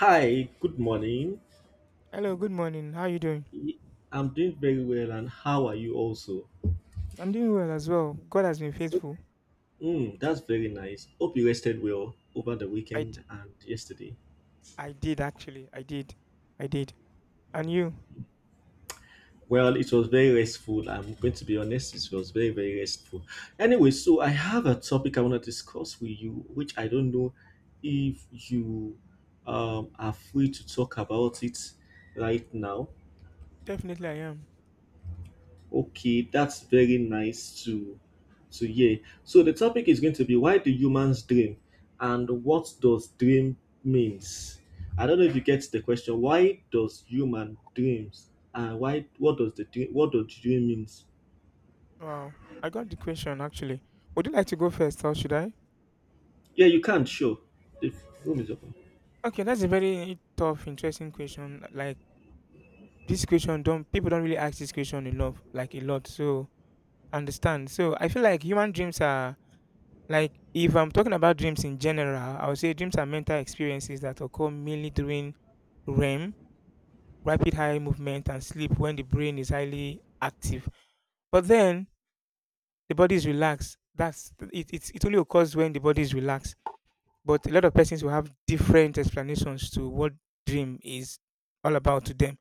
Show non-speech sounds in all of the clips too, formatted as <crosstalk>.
Hi, good morning. Hello, good morning. How are you doing? I'm doing very well, and how are you also? I'm doing well as well. God has been faithful. Mm, that's very nice. Hope you rested well over the I, d- weekend and yesterday. I did actually. I did. I did. And you? Well, it was very restful. I'm going to be honest, it was very, very restful. Anyway, so I have a topic I want to discuss with you, which I don't know if you are free to talk about it right now. Definitely I am. Okay, that's very nice to hear. So the topic is going to be, why do humans dream and what does dream means? I don't know if you get the question. Why does human dreams and why What does dream means? Wow. I got the question actually. Would you like to go first or should I? Yeah, you can sure. The room is open. Okay, that's a very tough, interesting question. Like this question don't People don't really ask this question enough, like a lot. So I understand. So I feel like human dreams are like if I'm talking about dreams in general, I would say dreams are mental experiences that occur mainly during REM, rapid eye movement, and sleep when the brain is highly active. But then the body is relaxed. That's it, it. It only occurs when the body is relaxed. But a lot of persons will have different explanations to what dream is all about to them.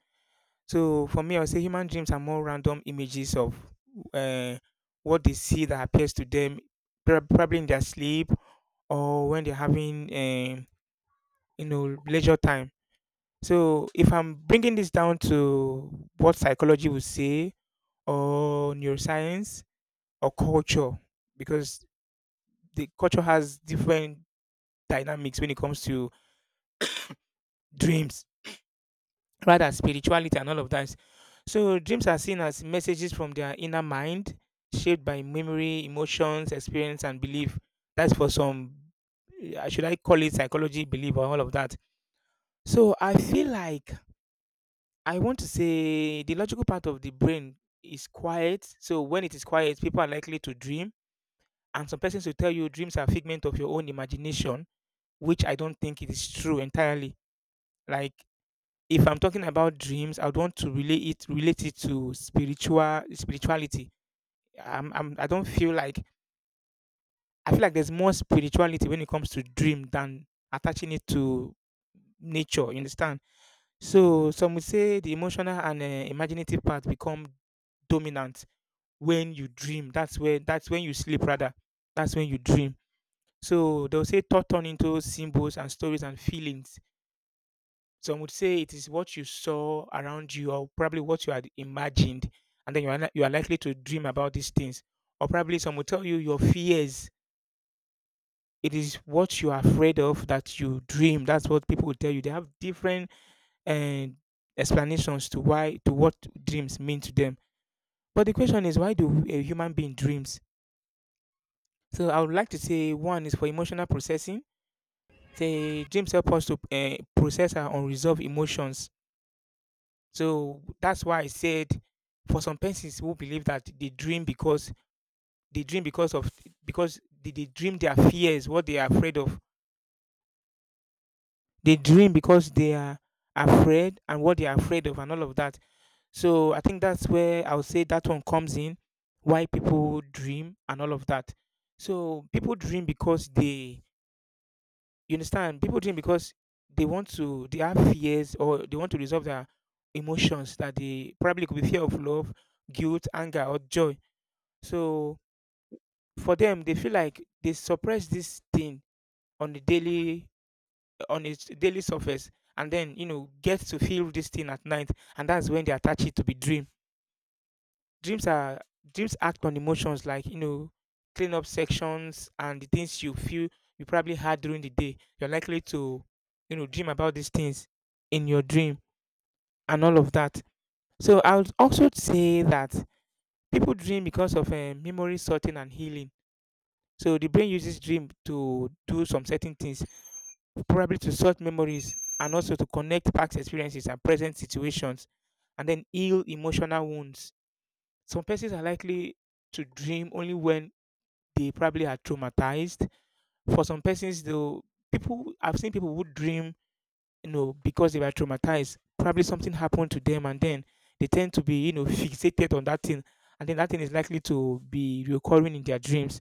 So for me, I would say human dreams are more random images of uh, what they see that appears to them, probably in their sleep or when they're having, you know, leisure time. So if I'm bringing this down to what psychology would say, or neuroscience, or culture, because the culture has different dynamics when it comes to dreams, rather spirituality and all of that. So dreams are seen as messages from their inner mind, shaped by memory, emotions, experience, and belief. That's for some, should I call it psychology belief or all of that. So I feel like, I want to say, the logical part of the brain is quiet. So when it is quiet, people are likely to dream. And some persons will tell you dreams are figment of your own imagination, which I don't think it is true entirely. Like if I'm talking about dreams, I would want to relate it to spirituality. I'm I don't feel like I feel like there's more spirituality when it comes to dream than attaching it to nature. You understand? So some would say the emotional and imaginative part become dominant when you dream. That's when you sleep rather. That's when you dream. So they'll say thought turn into symbols and stories and feelings. Some would say it is what you saw around you or probably what you had imagined. And then you are likely to dream about these things. Or probably some will tell you your fears. It is what you are afraid of that you dream. That's what people will tell you. They have different uh, explanations to to what dreams mean to them. But the question is, why do a human being dreams? So I would like to say one is for emotional processing, say James help us to process our unresolved emotions. So that's why I said, for some persons who believe that they dream because of they dream their fears, what they are afraid of. They dream because they are afraid and what they are afraid of and all of that. So I think that's where I would say that one comes in, why people dream and all of that. So people dream because they you understand? People drink because they have fears or they want to resolve their emotions, that they probably could be fear of love, guilt, anger, or joy. So for them, they feel like they suppress this thing on the daily, on its daily surface, and then you know, get to feel this thing at night, and that's when they attach it to be dream. dreams are Dreams act on emotions, like you know, clean up sections, and the things you feel you probably had during the day, you're likely to you know, dream about these things in your dream and all of that. So I would also say that people dream because of memory sorting and healing. So the brain uses dream to do some certain things, probably to sort memories, and also to connect past experiences and present situations, and then heal emotional wounds. Some persons are likely to dream only when they probably are traumatized. For some persons, though, people I've seen people who dream, you know, because they were traumatized. Probably something happened to them, and then they tend to be, you know, <laughs> fixated on that thing, and then that thing is likely to be recurring in their dreams.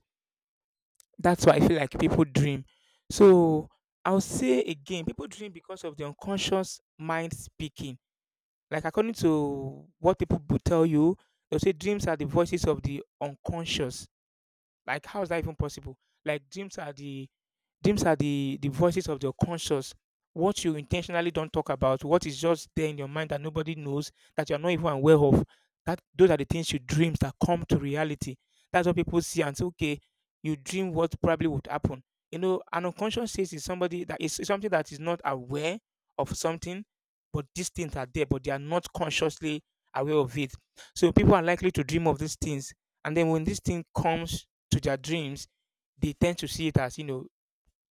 That's why I feel like people dream. So I'll say again, people dream because of the unconscious mind speaking. Like according to what people will tell you, they'll say dreams are the voices of the unconscious. Like how is that even possible? like dreams are the Dreams are the voices of your conscious. What you intentionally don't talk about, what is just there in your mind that nobody knows, that you're not even aware of. That those are the things you dreams that come to reality. That's what people see and say, okay, you dream what probably would happen. You know, an unconscious state is somebody that is something that is not aware of something, but these things are there, but they are not consciously aware of it. So people are likely to dream of these things. And then when this thing comes to their dreams, they tend to see it as, you know,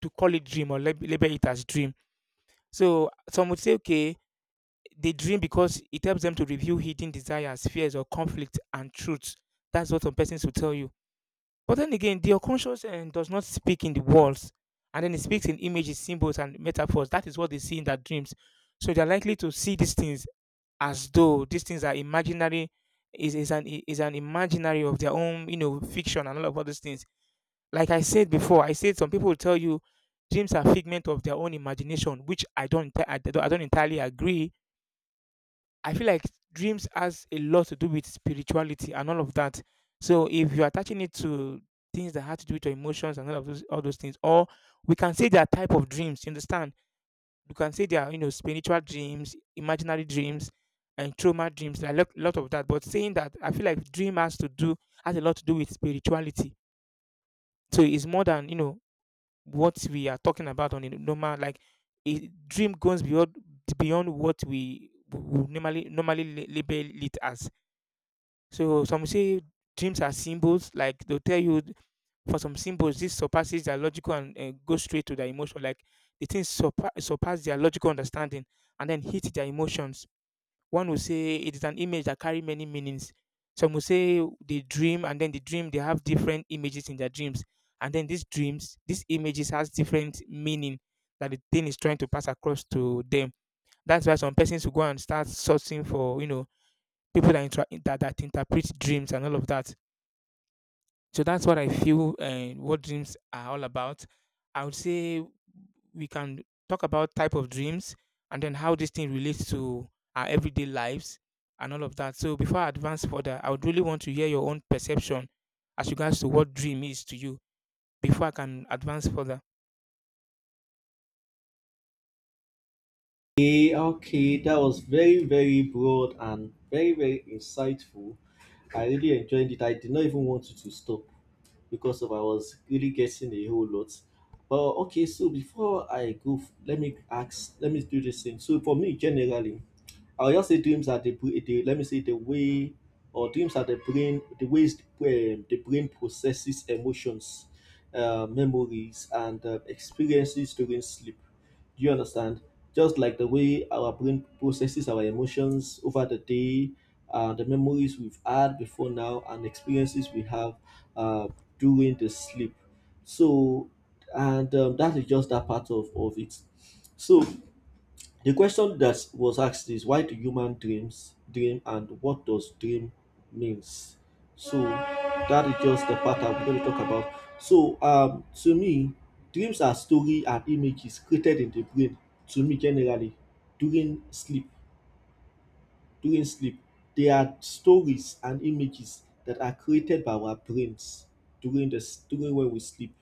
to call it dream or label it as dream. So some would say, okay, they dream because it helps them to review hidden desires, fears, or conflict and truths. That's what some persons will tell you. But then again, the unconscious does not speak in the words, and then it speaks in images, symbols, and metaphors. That is what they see in their dreams. So they're likely to see these things as though these things are imaginary, is an imaginary of their own, you know, fiction and all these things. Like I said before, I said some people will tell you dreams are figment of their own imagination, which I don't entirely agree. I feel like dreams has a lot to do with spirituality and all of that. So if you're attaching it to things that have to do with your emotions and all those things, or we can say there are type of dreams. You understand? You can say there are, you know, spiritual dreams, imaginary dreams, and trauma dreams. There are a lot of that. But saying that, I feel like dream has to do has a lot to do with spirituality. So it's more than you know what we are talking about on a normal, like a dream goes beyond what we would normally label it as. So some say dreams are symbols. Like they'll tell you for some symbols, this surpasses their logical and goes straight to their emotion. Like the things surpass their logical understanding and then hit their emotions. One will say it is an image that carry many meanings. Some will say they dream, and then the dream, they have different images in their dreams, and then these dreams, these images has different meaning that the thing is trying to pass across to them. That's why some persons will go and start searching for you know, people that that interpret dreams and all of that. So that's what I feel, what dreams are all about. I would say we can talk about type of dreams and then how this thing relates to our everyday lives and all of that. So before I advance further, I would really want to hear your own perception as regards to what dream is to you before I can advance further. Okay, okay, that was very, very broad and very, very insightful. I really enjoyed it. I did not even want it to stop because of I was really getting a whole lot. But okay, so before I go, let me ask, let me do this thing. So for me, generally, I'll just say dreams are the, br- the let me say the way, or dreams are the ways the brain processes emotions, memories, and experiences during sleep. Do you understand? Just like the way our brain processes our emotions over the day, the memories we've had before now, and experiences we have uh, during the sleep. So, and that is just that part of it. So, the question that was asked is, why do human dreams dream and what does dream means? So that is just the part I'm going to talk about. So, to me, dreams are story and images created in the brain, to me generally, during sleep. During sleep, they are stories and images that are created by our brains during during when we sleep.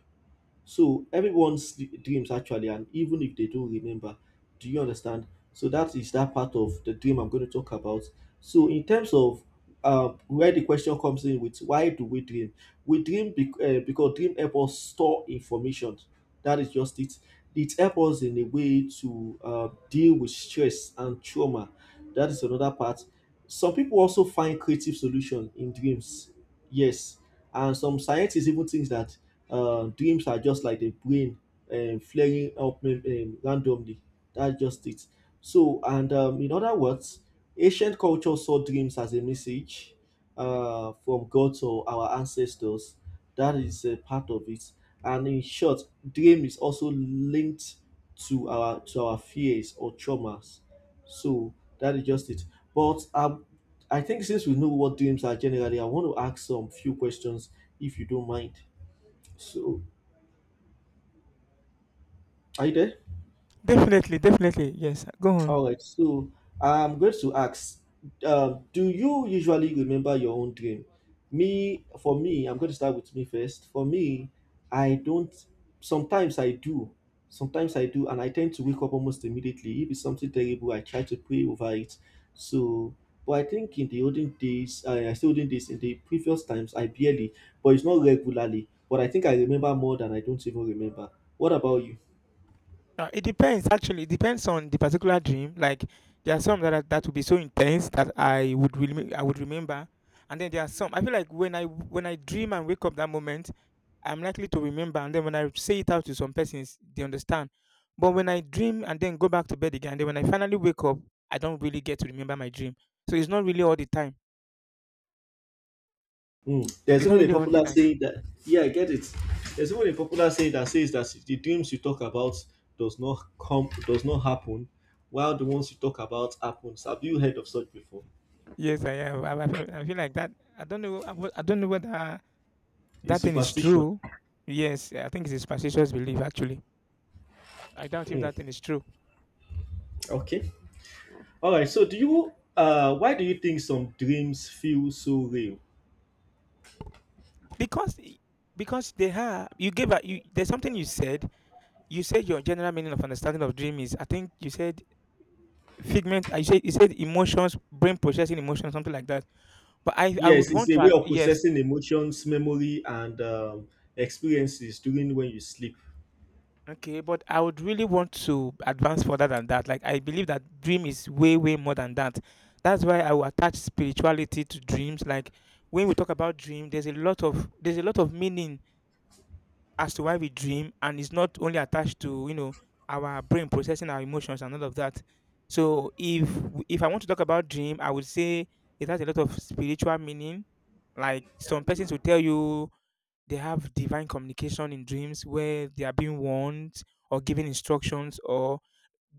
So everyone's dreams actually, and even if they don't remember, do you understand? So that is that part of the dream I'm going to talk about. So in terms of where the question comes in with, why do we dream? Because dream help us store information. That is just it. It helps us in a way to deal with stress and trauma. That is another part. Some people also find creative solution in dreams. Yes, and some scientists even think that dreams are just like the brain flaring up randomly. That's just it. So, and in other words, ancient culture saw dreams as a message from God to our ancestors. That is a part of it. And in short, dream is also linked to our fears or traumas. So that is just it. But I think since we know what dreams are generally, I want to ask some few questions if you don't mind. So, are you there? Definitely, definitely. Yes. Go on. All right. So, I'm going to ask, do you usually remember your own dream? Me, for me, I'm going to start with me first. For me, I don't. Sometimes I do. Sometimes I do, and I tend to wake up almost immediately. If it's something terrible, I try to pray over it. So, but I think in the olden days, I still olden days, in the previous times, I barely, but it's not regularly. But I think I remember more than I don't even remember. What about you? It depends actually. It depends on the particular dream. Like there are some that are, that will be so intense that I would remember, and then there are some I feel like when I dream and wake up that moment, I'm likely to remember, and then when I say it out to some persons, they understand. But when I dream and then go back to bed again, then when I finally wake up, I don't really get to remember my dream. So it's not really all the time. Mm. There's It's not even a really all the popular time. saying that, yeah, I get it. There's even a popular saying that says that the dreams you talk about does not happen, while the ones you talk about happens. Have you heard of such before? Yes, I am. I feel like that. I don't know. I don't know whether It's that thing is superstition. true. Yes, I think it's a superstitious belief actually. I doubt if Mm. that thing is true. Okay. All right. So do you why do you think some dreams feel so real? Because i- because they have you gave a, you, there's something you said. You said your general meaning of understanding of dream is, I think you said figment, I said you said emotions, brain processing emotions, something like that. But I would Yes, it's want a to way of yes, processing emotions, memory, and experiences during when you sleep. okay, but I would really want to advance further than that. Like I believe that dream is way, way more than that. That's why I will attach spirituality to dreams. Like when we talk about dream, there's a lot of meaning as to why we dream, and it's not only attached to our brain processing our emotions and all of that. So if I want to talk about dream, I would say it has a lot of spiritual meaning. Like some persons will tell you they have divine communication in dreams, where they are being warned or given instructions or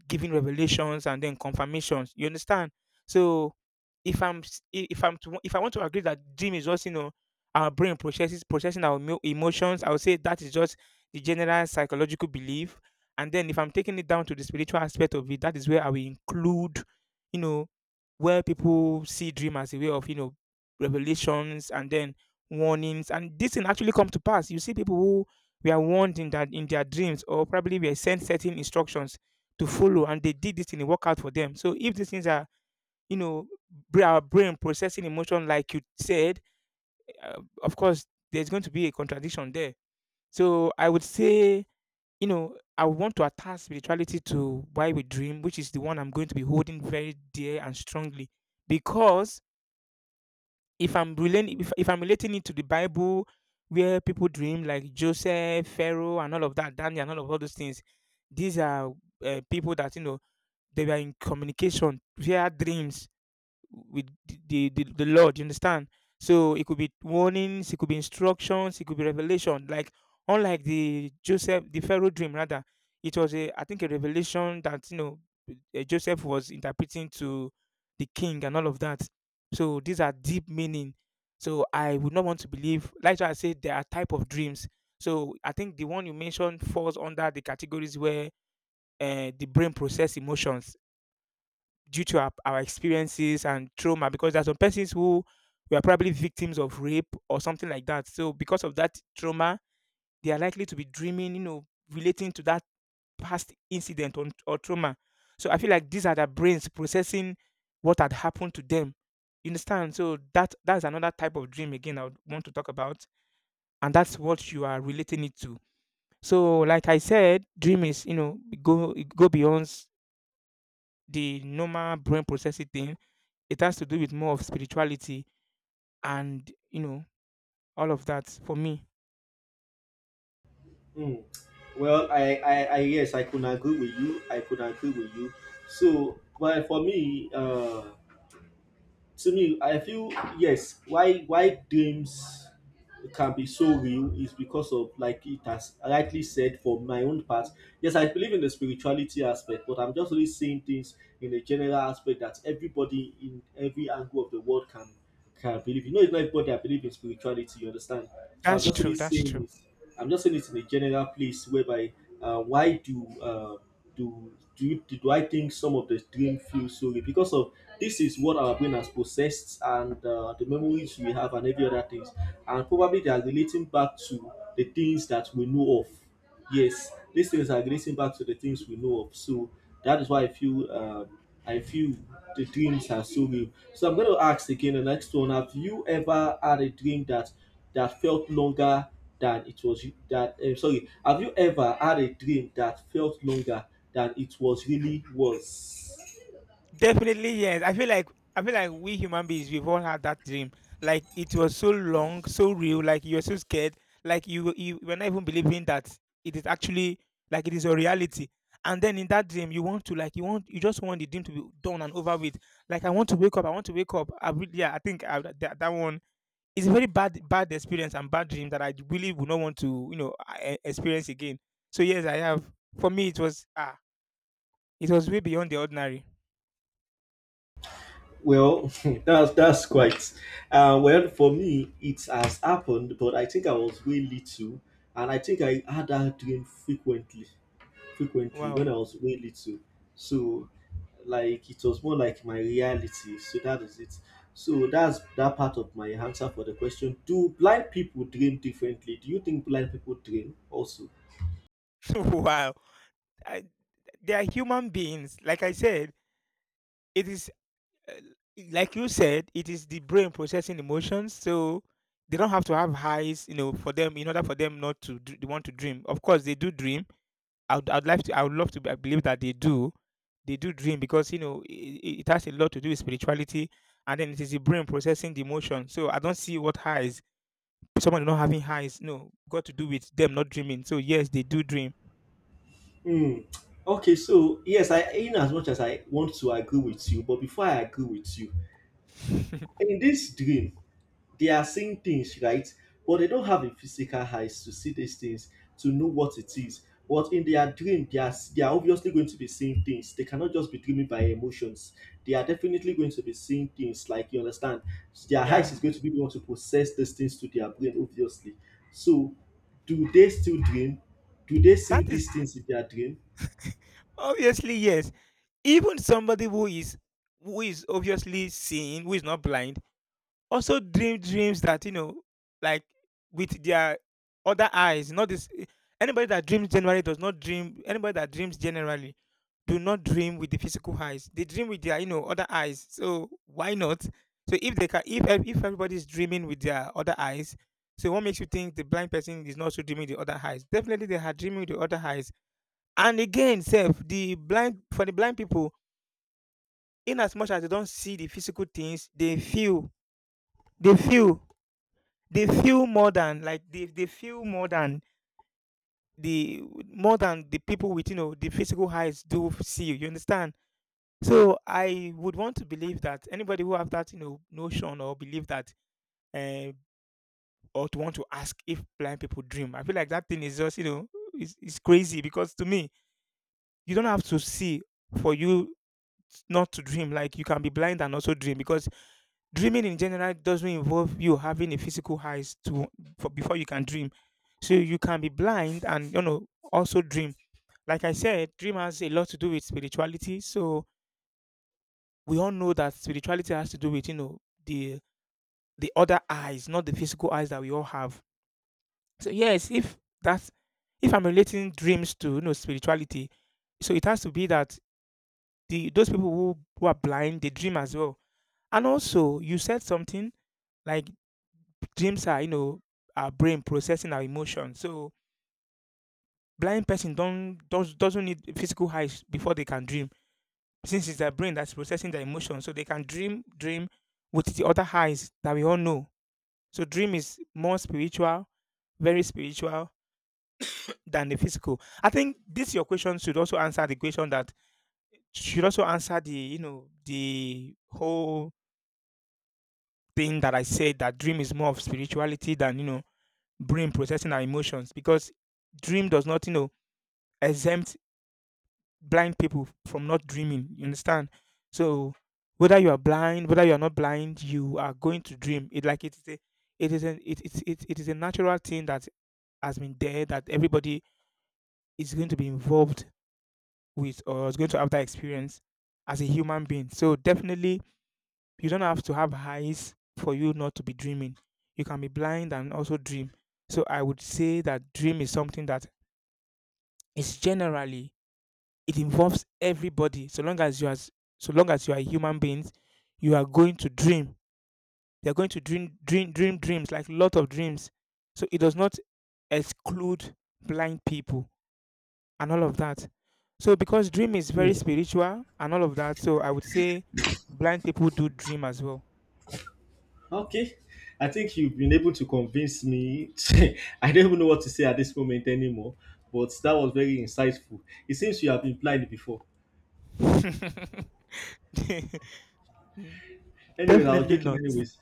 giving revelations and then confirmations. You understand? So if I'm to, if I want to agree that dream is just our brain processes processing our emotions, I would say that is just the general psychological belief. And then if I'm taking it down to the spiritual aspect of it, that is where I will include, you know, where people see dream as a way of, you know, revelations and then warnings, and this thing actually come to pass. You see people who were warned in that in their dreams, or probably were sent certain instructions to follow and they did this thing, it worked out for them. So if these things are, you know, our brain processing emotion, like you said, of course, there's going to be a contradiction there. So I would say, you know, I want to attach spirituality to why we dream, which is the one I'm going to be holding very dear and strongly. Because if, I'm relating it to the Bible, where people dream like Joseph, Pharaoh, and all of that, Daniel, and all those things, these are people that, you know, they were in communication via dreams with the Lord, you understand? So it could be warnings, it could be instructions, it could be revelation. Like unlike the Joseph, the Pharaoh dream rather, it was a, I think, a revelation that, you know, eh, Joseph was interpreting to the king and all of that. So these are deep meaning. So I would not want to believe. Like I said, there are type of dreams. So I think the one you mentioned falls under the categories where the brain process emotions due to our experiences and trauma, because there are some persons who were probably victims of rape or something like that. So because of that trauma, they are likely to be dreaming, you know, relating to that past incident or trauma. So I feel like these are their brains processing what had happened to them. You understand? So that's another type of dream again I would want to talk about. And that's what you are relating it to. So like I said, dream is, you know, go beyond the normal brain processing thing. It has to do with more of spirituality and, you know, all of that for me. Mm. Well, yes, I could agree with you. I could agree with you. So, but for me, to me I feel, yes, why dreams can be so real is because of, like it has rightly said, for my own part, yes, I believe in the spirituality aspect, but I'm just really seeing things in a general aspect that everybody in every angle of the world can believe. You know, it's not everybody that believe in spirituality, you understand? So I'm That's just true. really That's true. saying it. I'm just saying it in a general place, whereby, why do do do you do I think some of the dream feel, sorry, because of, this is what our brain has processed and the memories we have and every other things, and probably they are relating back to the things that we know of. Yes, these things are relating back to the things we know of. So that is why I feel, I feel the dreams are so real. So I'm going to ask again the next one: have you ever had a dream that felt longer than it was you- that sorry, have you ever had a dream that felt longer than it was really was? Definitely yes. I feel like we human beings we've all had that dream. Like it was so long, so real. Like you were so scared. Like you were not even believing that it is actually like it is a reality. And then in that dream, you want to like you just want the dream to be done and over with. Like I want to wake up. I want to wake up. Yeah, that that one, it's a very bad experience and bad dream that I really would not want to, you know, experience again. So yes, I have. For me, it was it was way beyond the ordinary. Well, <laughs> that's quite well, for me it has happened, but I think I was way little, and I think I had that dream frequently when Wow, I was way little. So like it was more like my reality, so that is it. So that's that part of my answer for the question: do blind people dream differently? Do you think blind people dream also? <laughs> wow. I, they are human beings. Like I said, it is uh, like you said, it is the brain processing emotions. So they don't have to have highs, you know, for them in order for them not to want to dream. Of course, they do dream. I would like to. I would love to I believe that they do. They do dream, because you know it has a lot to do with spirituality, and then it is the brain processing the emotion. So I don't see what highs. Someone not having highs, no, got to do with them not dreaming. So yes, they do dream. Hmm. Okay, so yes, I, in as much as I want to agree with you, but before I agree with you, <laughs> in this dream, they are seeing things, right? But they don't have a physical eyes to see these things, to know what it is. But in their dream, they are obviously going to be seeing things. They cannot just be dreaming by emotions. They are definitely going to be seeing things, like, you understand. Their eyes is yeah, going to be able to process these things to their brain, obviously. So, do they still dream? Do they see that is these things in their dream? obviously yes. Even somebody who is obviously seeing, who is not blind, also dream dreams that, you know, like with their other eyes, not this eh, anybody that dreams generally does not dream. Anybody that dreams generally do not dream with the physical eyes. They dream with their, you know, other eyes. So why not? So if they can, if everybody's dreaming with their other eyes, so what makes you think the blind person is not also dreaming with the other eyes? Definitely they are dreaming with the other eyes. And again self the blind, for the blind people, in as much as they don't see the physical things, they feel, they feel, they feel more than like they feel the more than the people with, you know, the physical eyes do see, you understand? So I would want to believe that anybody who have that, you know, notion or believe that, uh, or to want to ask if blind people dream, I feel like that thing is just, you know, it's crazy, because to me, you don't have to see for you not to dream. Like you can be blind and also dream, because dreaming in general doesn't involve you having a physical eyes to, for, before you can dream. So you can be blind and, you know, also dream. Like I said, dream has a lot to do with spirituality. So we all know that spirituality has to do with, you know, the the other eyes, not the physical eyes that we all have. So yes, if that's, if I'm relating dreams to, you know, spirituality, so it has to be that the those people who are blind, they dream as well. And also you said something like dreams are, you know, our brain processing our emotions. So blind person don't does, doesn't need physical eyes before they can dream, since it's their brain that's processing their emotions. So they can dream with the other eyes that we all know. So dream is more spiritual, very spiritual, than the physical. I think this your question should also answer the question that should also answer the, you know, the whole thing that I said, that dream is more of spirituality than, you know, brain processing our emotions, because dream does not, you know, exempt blind people from not dreaming. You understand? So whether you are blind, whether you are not blind, you are going to dream. It like it is a natural thing that has been there, that everybody is going to be involved with, or is going to have that experience as a human being. So definitely you don't have to have eyes for you not to be dreaming. You can be blind and also dream. So I would say that dream is something that is generally, it involves everybody. So long as you as so long as you are human beings, you are going to dream. You're going to dreams, like lot of dreams. So it does not exclude blind people and all of that. So because dream is very spiritual and all of that, so I would say blind people do dream as well. Okay. I think you've been able to convince me. <laughs> I don't even know what to say at this moment anymore, but that was very insightful. It seems you have been blind before. <laughs> Mm, Anyway, I was definitely joking not. anyways.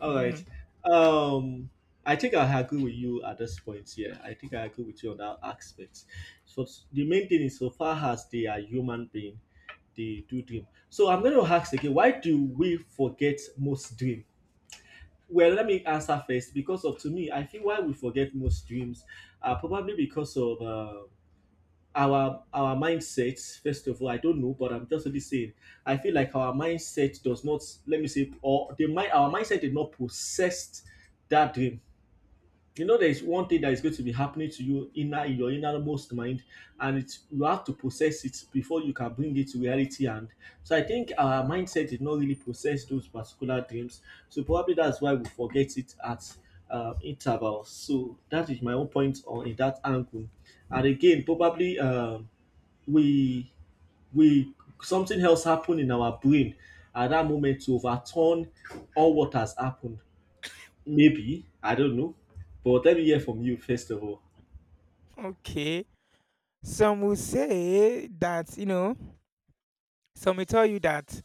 All right. Mhm. Um I think I agree with you at this point. Yeah, I think I agree with you on that aspect. So the main thing is, so far as they are human being, they do dream. So I'm going to ask again, why do we forget most dream? Well, let me answer first, because of, to me, I feel why we forget most dreams are probably because of our mindsets. First of all, I don't know, but I'm just really saying, I feel like our mindset does not, let me say, or the mind, our mindset did not possess that dream. You know, there is one thing that is going to be happening to you, inner in your innermost mind, and it's, you have to process it before you can bring it to reality. And so I think our mindset did not really process those particular dreams, so probably that's why we forget it at intervals. So that is my own point on, in that angle. And again, probably, we we something else happened in our brain at that moment to overturn all what has happened. Maybe I don't know, but let me hear from you first of all. Okay. Some will say that, you know, some will tell you that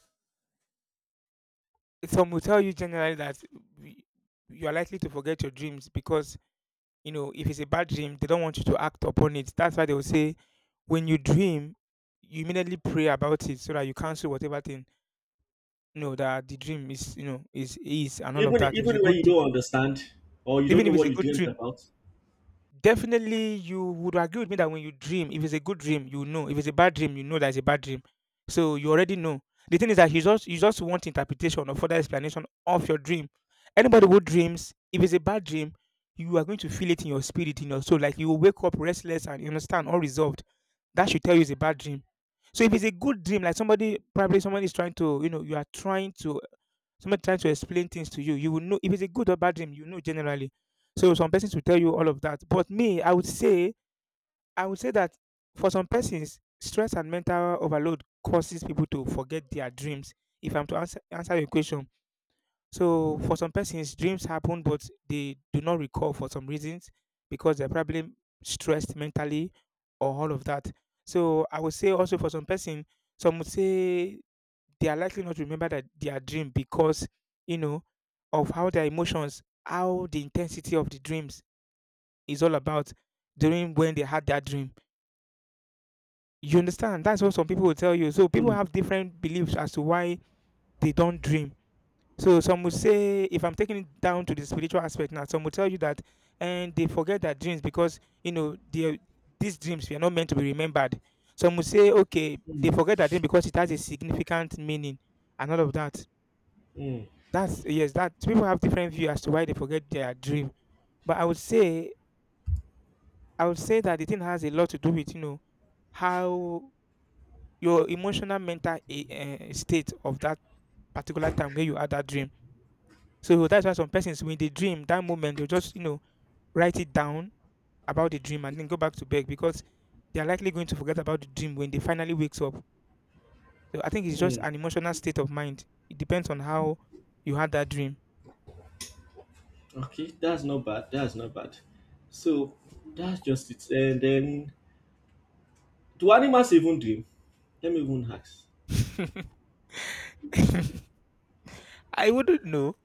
some will tell you generally that we- you are likely to forget your dreams because, you know, if it's a bad dream, they don't want you to act upon it. That's why they will say when you dream, you immediately pray about it, so that you cancel whatever thing, you know, that the dream is, you know, is and all of Even that. If it's even a when good you thing, don't understand or you don't even know if it's what a you good dreamt dream, about. definitely, you would agree with me that when you dream, if it's a good dream, you know. If it's a bad dream, you know that it's a bad dream. So you already know. The thing is that you just want interpretation or further explanation of your dream. Anybody who dreams, if it's a bad dream, you are going to feel it in your spirit, in your soul. Like you will wake up restless and you understand unresolved. That should tell you it's a bad dream. So if it's a good dream, like somebody probably somebody is trying to, you are trying to. Somebody trying to explain things to you, you will know if it's a good or bad dream, generally. So some persons will tell you all of that. But me, I would say that for some persons, stress and mental overload causes people to forget their dreams. If I'm to answer, answer your question, so for some persons, dreams happen, but they do not recall for some reasons because they're probably stressed mentally or all of that. So I would say also for some person, some would say they are likely not to remember that their dream because you know of how their emotions, how the intensity of the dreams is all about during when they had that dream. You understand? That's what some people will tell you. So people Mm, have different beliefs as to why they don't dream. So some will say, if I'm taking it down to the spiritual aspect now, some will tell you that and they forget their dreams because they these dreams were not meant to be remembered. Some will say, okay, they mm, forget their dream because it has a significant meaning and all of that. mm, That's yes, that people have different view as to why they forget their dream. But I would say that the thing has a lot to do with how your emotional mental state of that particular time where you had that dream. So that's why some persons when they dream that moment they'll just write it down about the dream and then go back to bed because they are likely going to forget about the dream when they finally wakes up. So I think it's just mm. an emotional state of mind. It depends on how you had that dream. <laughs> Okay, that's not bad. That's not bad. So that's just it. And then, do animals even dream? Let me even ask. <laughs> I wouldn't know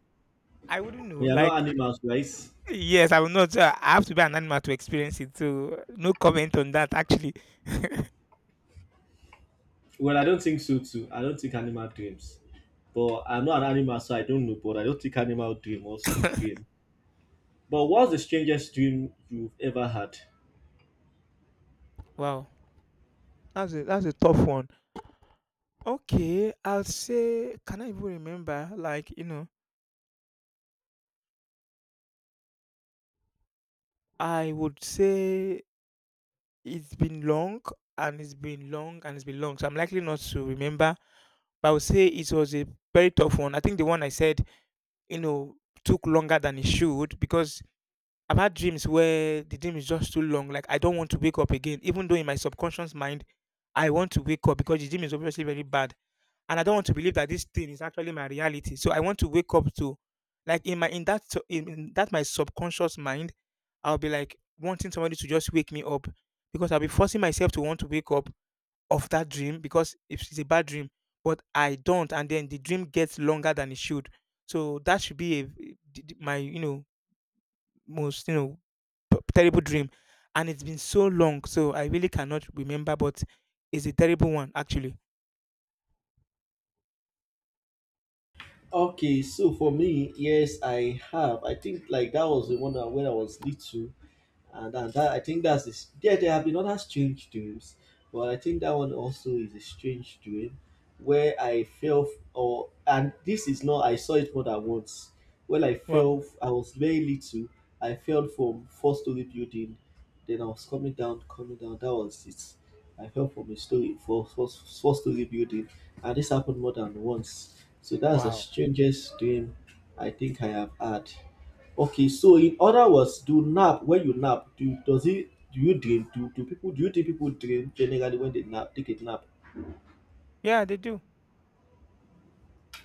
I wouldn't know. We are not Like, animals, right? yes, I will not. So I have to be an animal to experience it. So no comment on that. Actually, Well, I don't think so too. I don't think animal dreams. But I'm not an animal, so I don't know. But I don't think animal dream was <laughs> dream. But what's the strangest dream you've ever had? wow, that's a tough one. Okay, I'll say. Can I even remember? Like, I would say it's been long and it's been long. So I'm likely not to remember. But I would say it was a very tough one. I think the one I said, you know, took longer than it should because I've had dreams where the dream is just too long. Like I don't want to wake up again, even though in my subconscious mind, I want to wake up because the dream is obviously very bad, and I don't want to believe that this thing is actually my reality. So I want to wake up to, like in my in that su- in that my subconscious mind, I'll be like wanting somebody to just wake me up because I'll be forcing myself to want to wake up of that dream because it's a bad dream, but I don't, and then the dream gets longer than it should. So that should be a, my most terrible dream, and it's been so long, so I really cannot remember. But it's a terrible one actually. Okay, so for me, yes, I have. I think like that was the one that when I was little, and that, that, I think that's this. Yeah, there have been other strange dreams, but I think that one also is a strange dream, where I or, and this is not, I saw it more than once. When I Wow. I was very little. I fell from 4-story building, then I was coming down, coming down. That was it. I fell from a story four four four story building, and this happened more than once. So that's the Wow. strangest dream I think I have had. Okay, so in other words, do nap when you nap, Do does it? do you dream? Do you think people dream generally when they nap? Take a nap. Yeah, they do.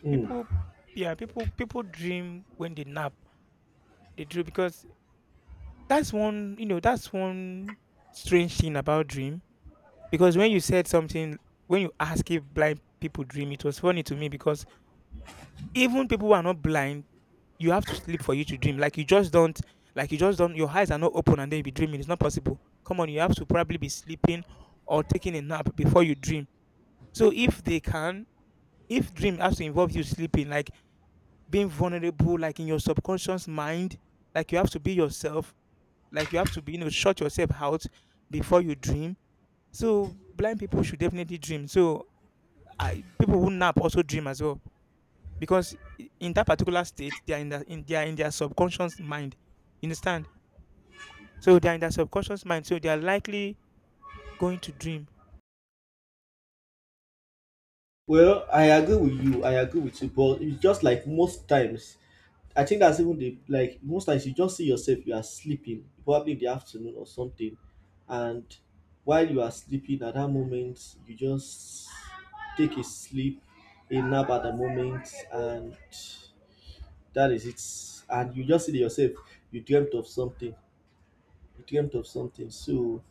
Hmm. People, yeah, people dream when they nap. They dream because that's one, that's one strange thing about dream. Because when you said something, when you ask if blind people dream, it was funny to me because even people who are not blind you have to sleep for you to dream. Like you just don't. Your eyes are not open and then you be dreaming. It's not possible. Come on, you have to probably be sleeping or taking a nap before you dream. So if they can, if dream has to involve you sleeping, like being vulnerable, like in your subconscious mind, like you have to be yourself, like you have to be, shut yourself out before you dream. So blind people should definitely dream. So I, people who nap also dream as well because in that particular state they are in, they are in their subconscious mind you understand. So they're in their subconscious mind. So they are likely going to dream. Well, I agree with you. I agree with you, but it's just like most times. I think that's even the, like, most times you just see yourself, you are sleeping probably in the afternoon or something, and while you are sleeping at that moment, you just take a sleep, a nap at the moment, and that is it. And you just see it yourself, you dreamt of something, So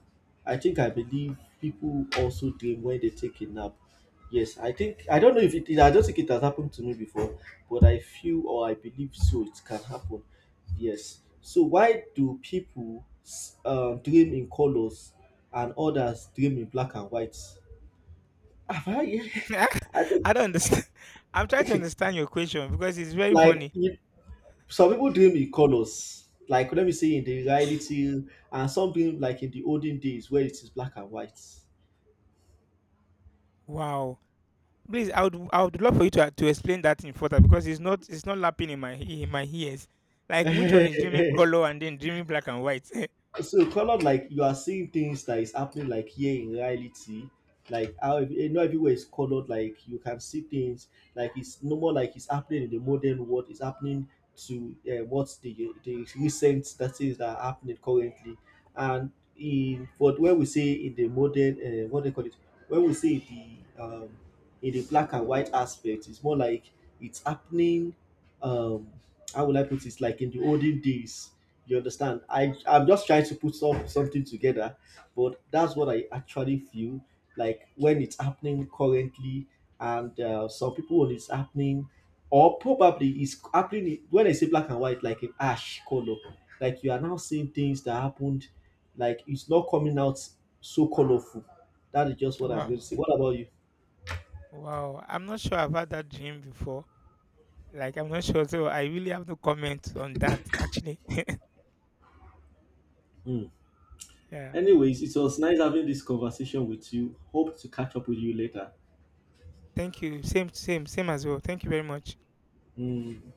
I think I believe people also dream when they take a nap. Yes, I think, I don't know if it is. I don't think it has happened to me before, but I feel or I believe so. It can happen. Yes. So why do people dream in colors and others dream in black and white? Have I? <laughs> <laughs> I I don't understand. <laughs> I'm trying to think understand your question because it's <laughs> very like, funny. you, some people dream in colors, like, let me say, in the reality, and some dream like in the olden days where it is black and white. Wow. Please, I would love for you to explain that in further because it's not lapping in my ears. Like which one is dreaming <laughs> color and then dreaming black and white? So colored, like you are seeing things that is happening, like here in reality, like how not everywhere is colored, like you can see things, like it's no more, like it's happening in the modern world, it's happening to what, the recent that is, that are happening currently, and in what, when we say in the modern, what they call it, when we say the, in the black and white aspect, it's more like it's happening, um how would I put it, like in the olden days, you understand? I, I'm just trying to put something together, but that's what I actually feel, like when it's happening currently, and some people when it's happening, or probably it's happening when I say black and white, like in ash color, like you are now seeing things that happened, like it's not coming out so colorful. That is just what I'm <laughs> going to wow. say. What about you? Wow. I'm not sure I've had that dream before. Like I'm not sure. So I really have no comment on that actually. <laughs> Hmm. Yeah. Anyways, it was nice having this conversation with you. Hope to catch up with you later. Thank you. Same as well. Thank you very much. Hmm.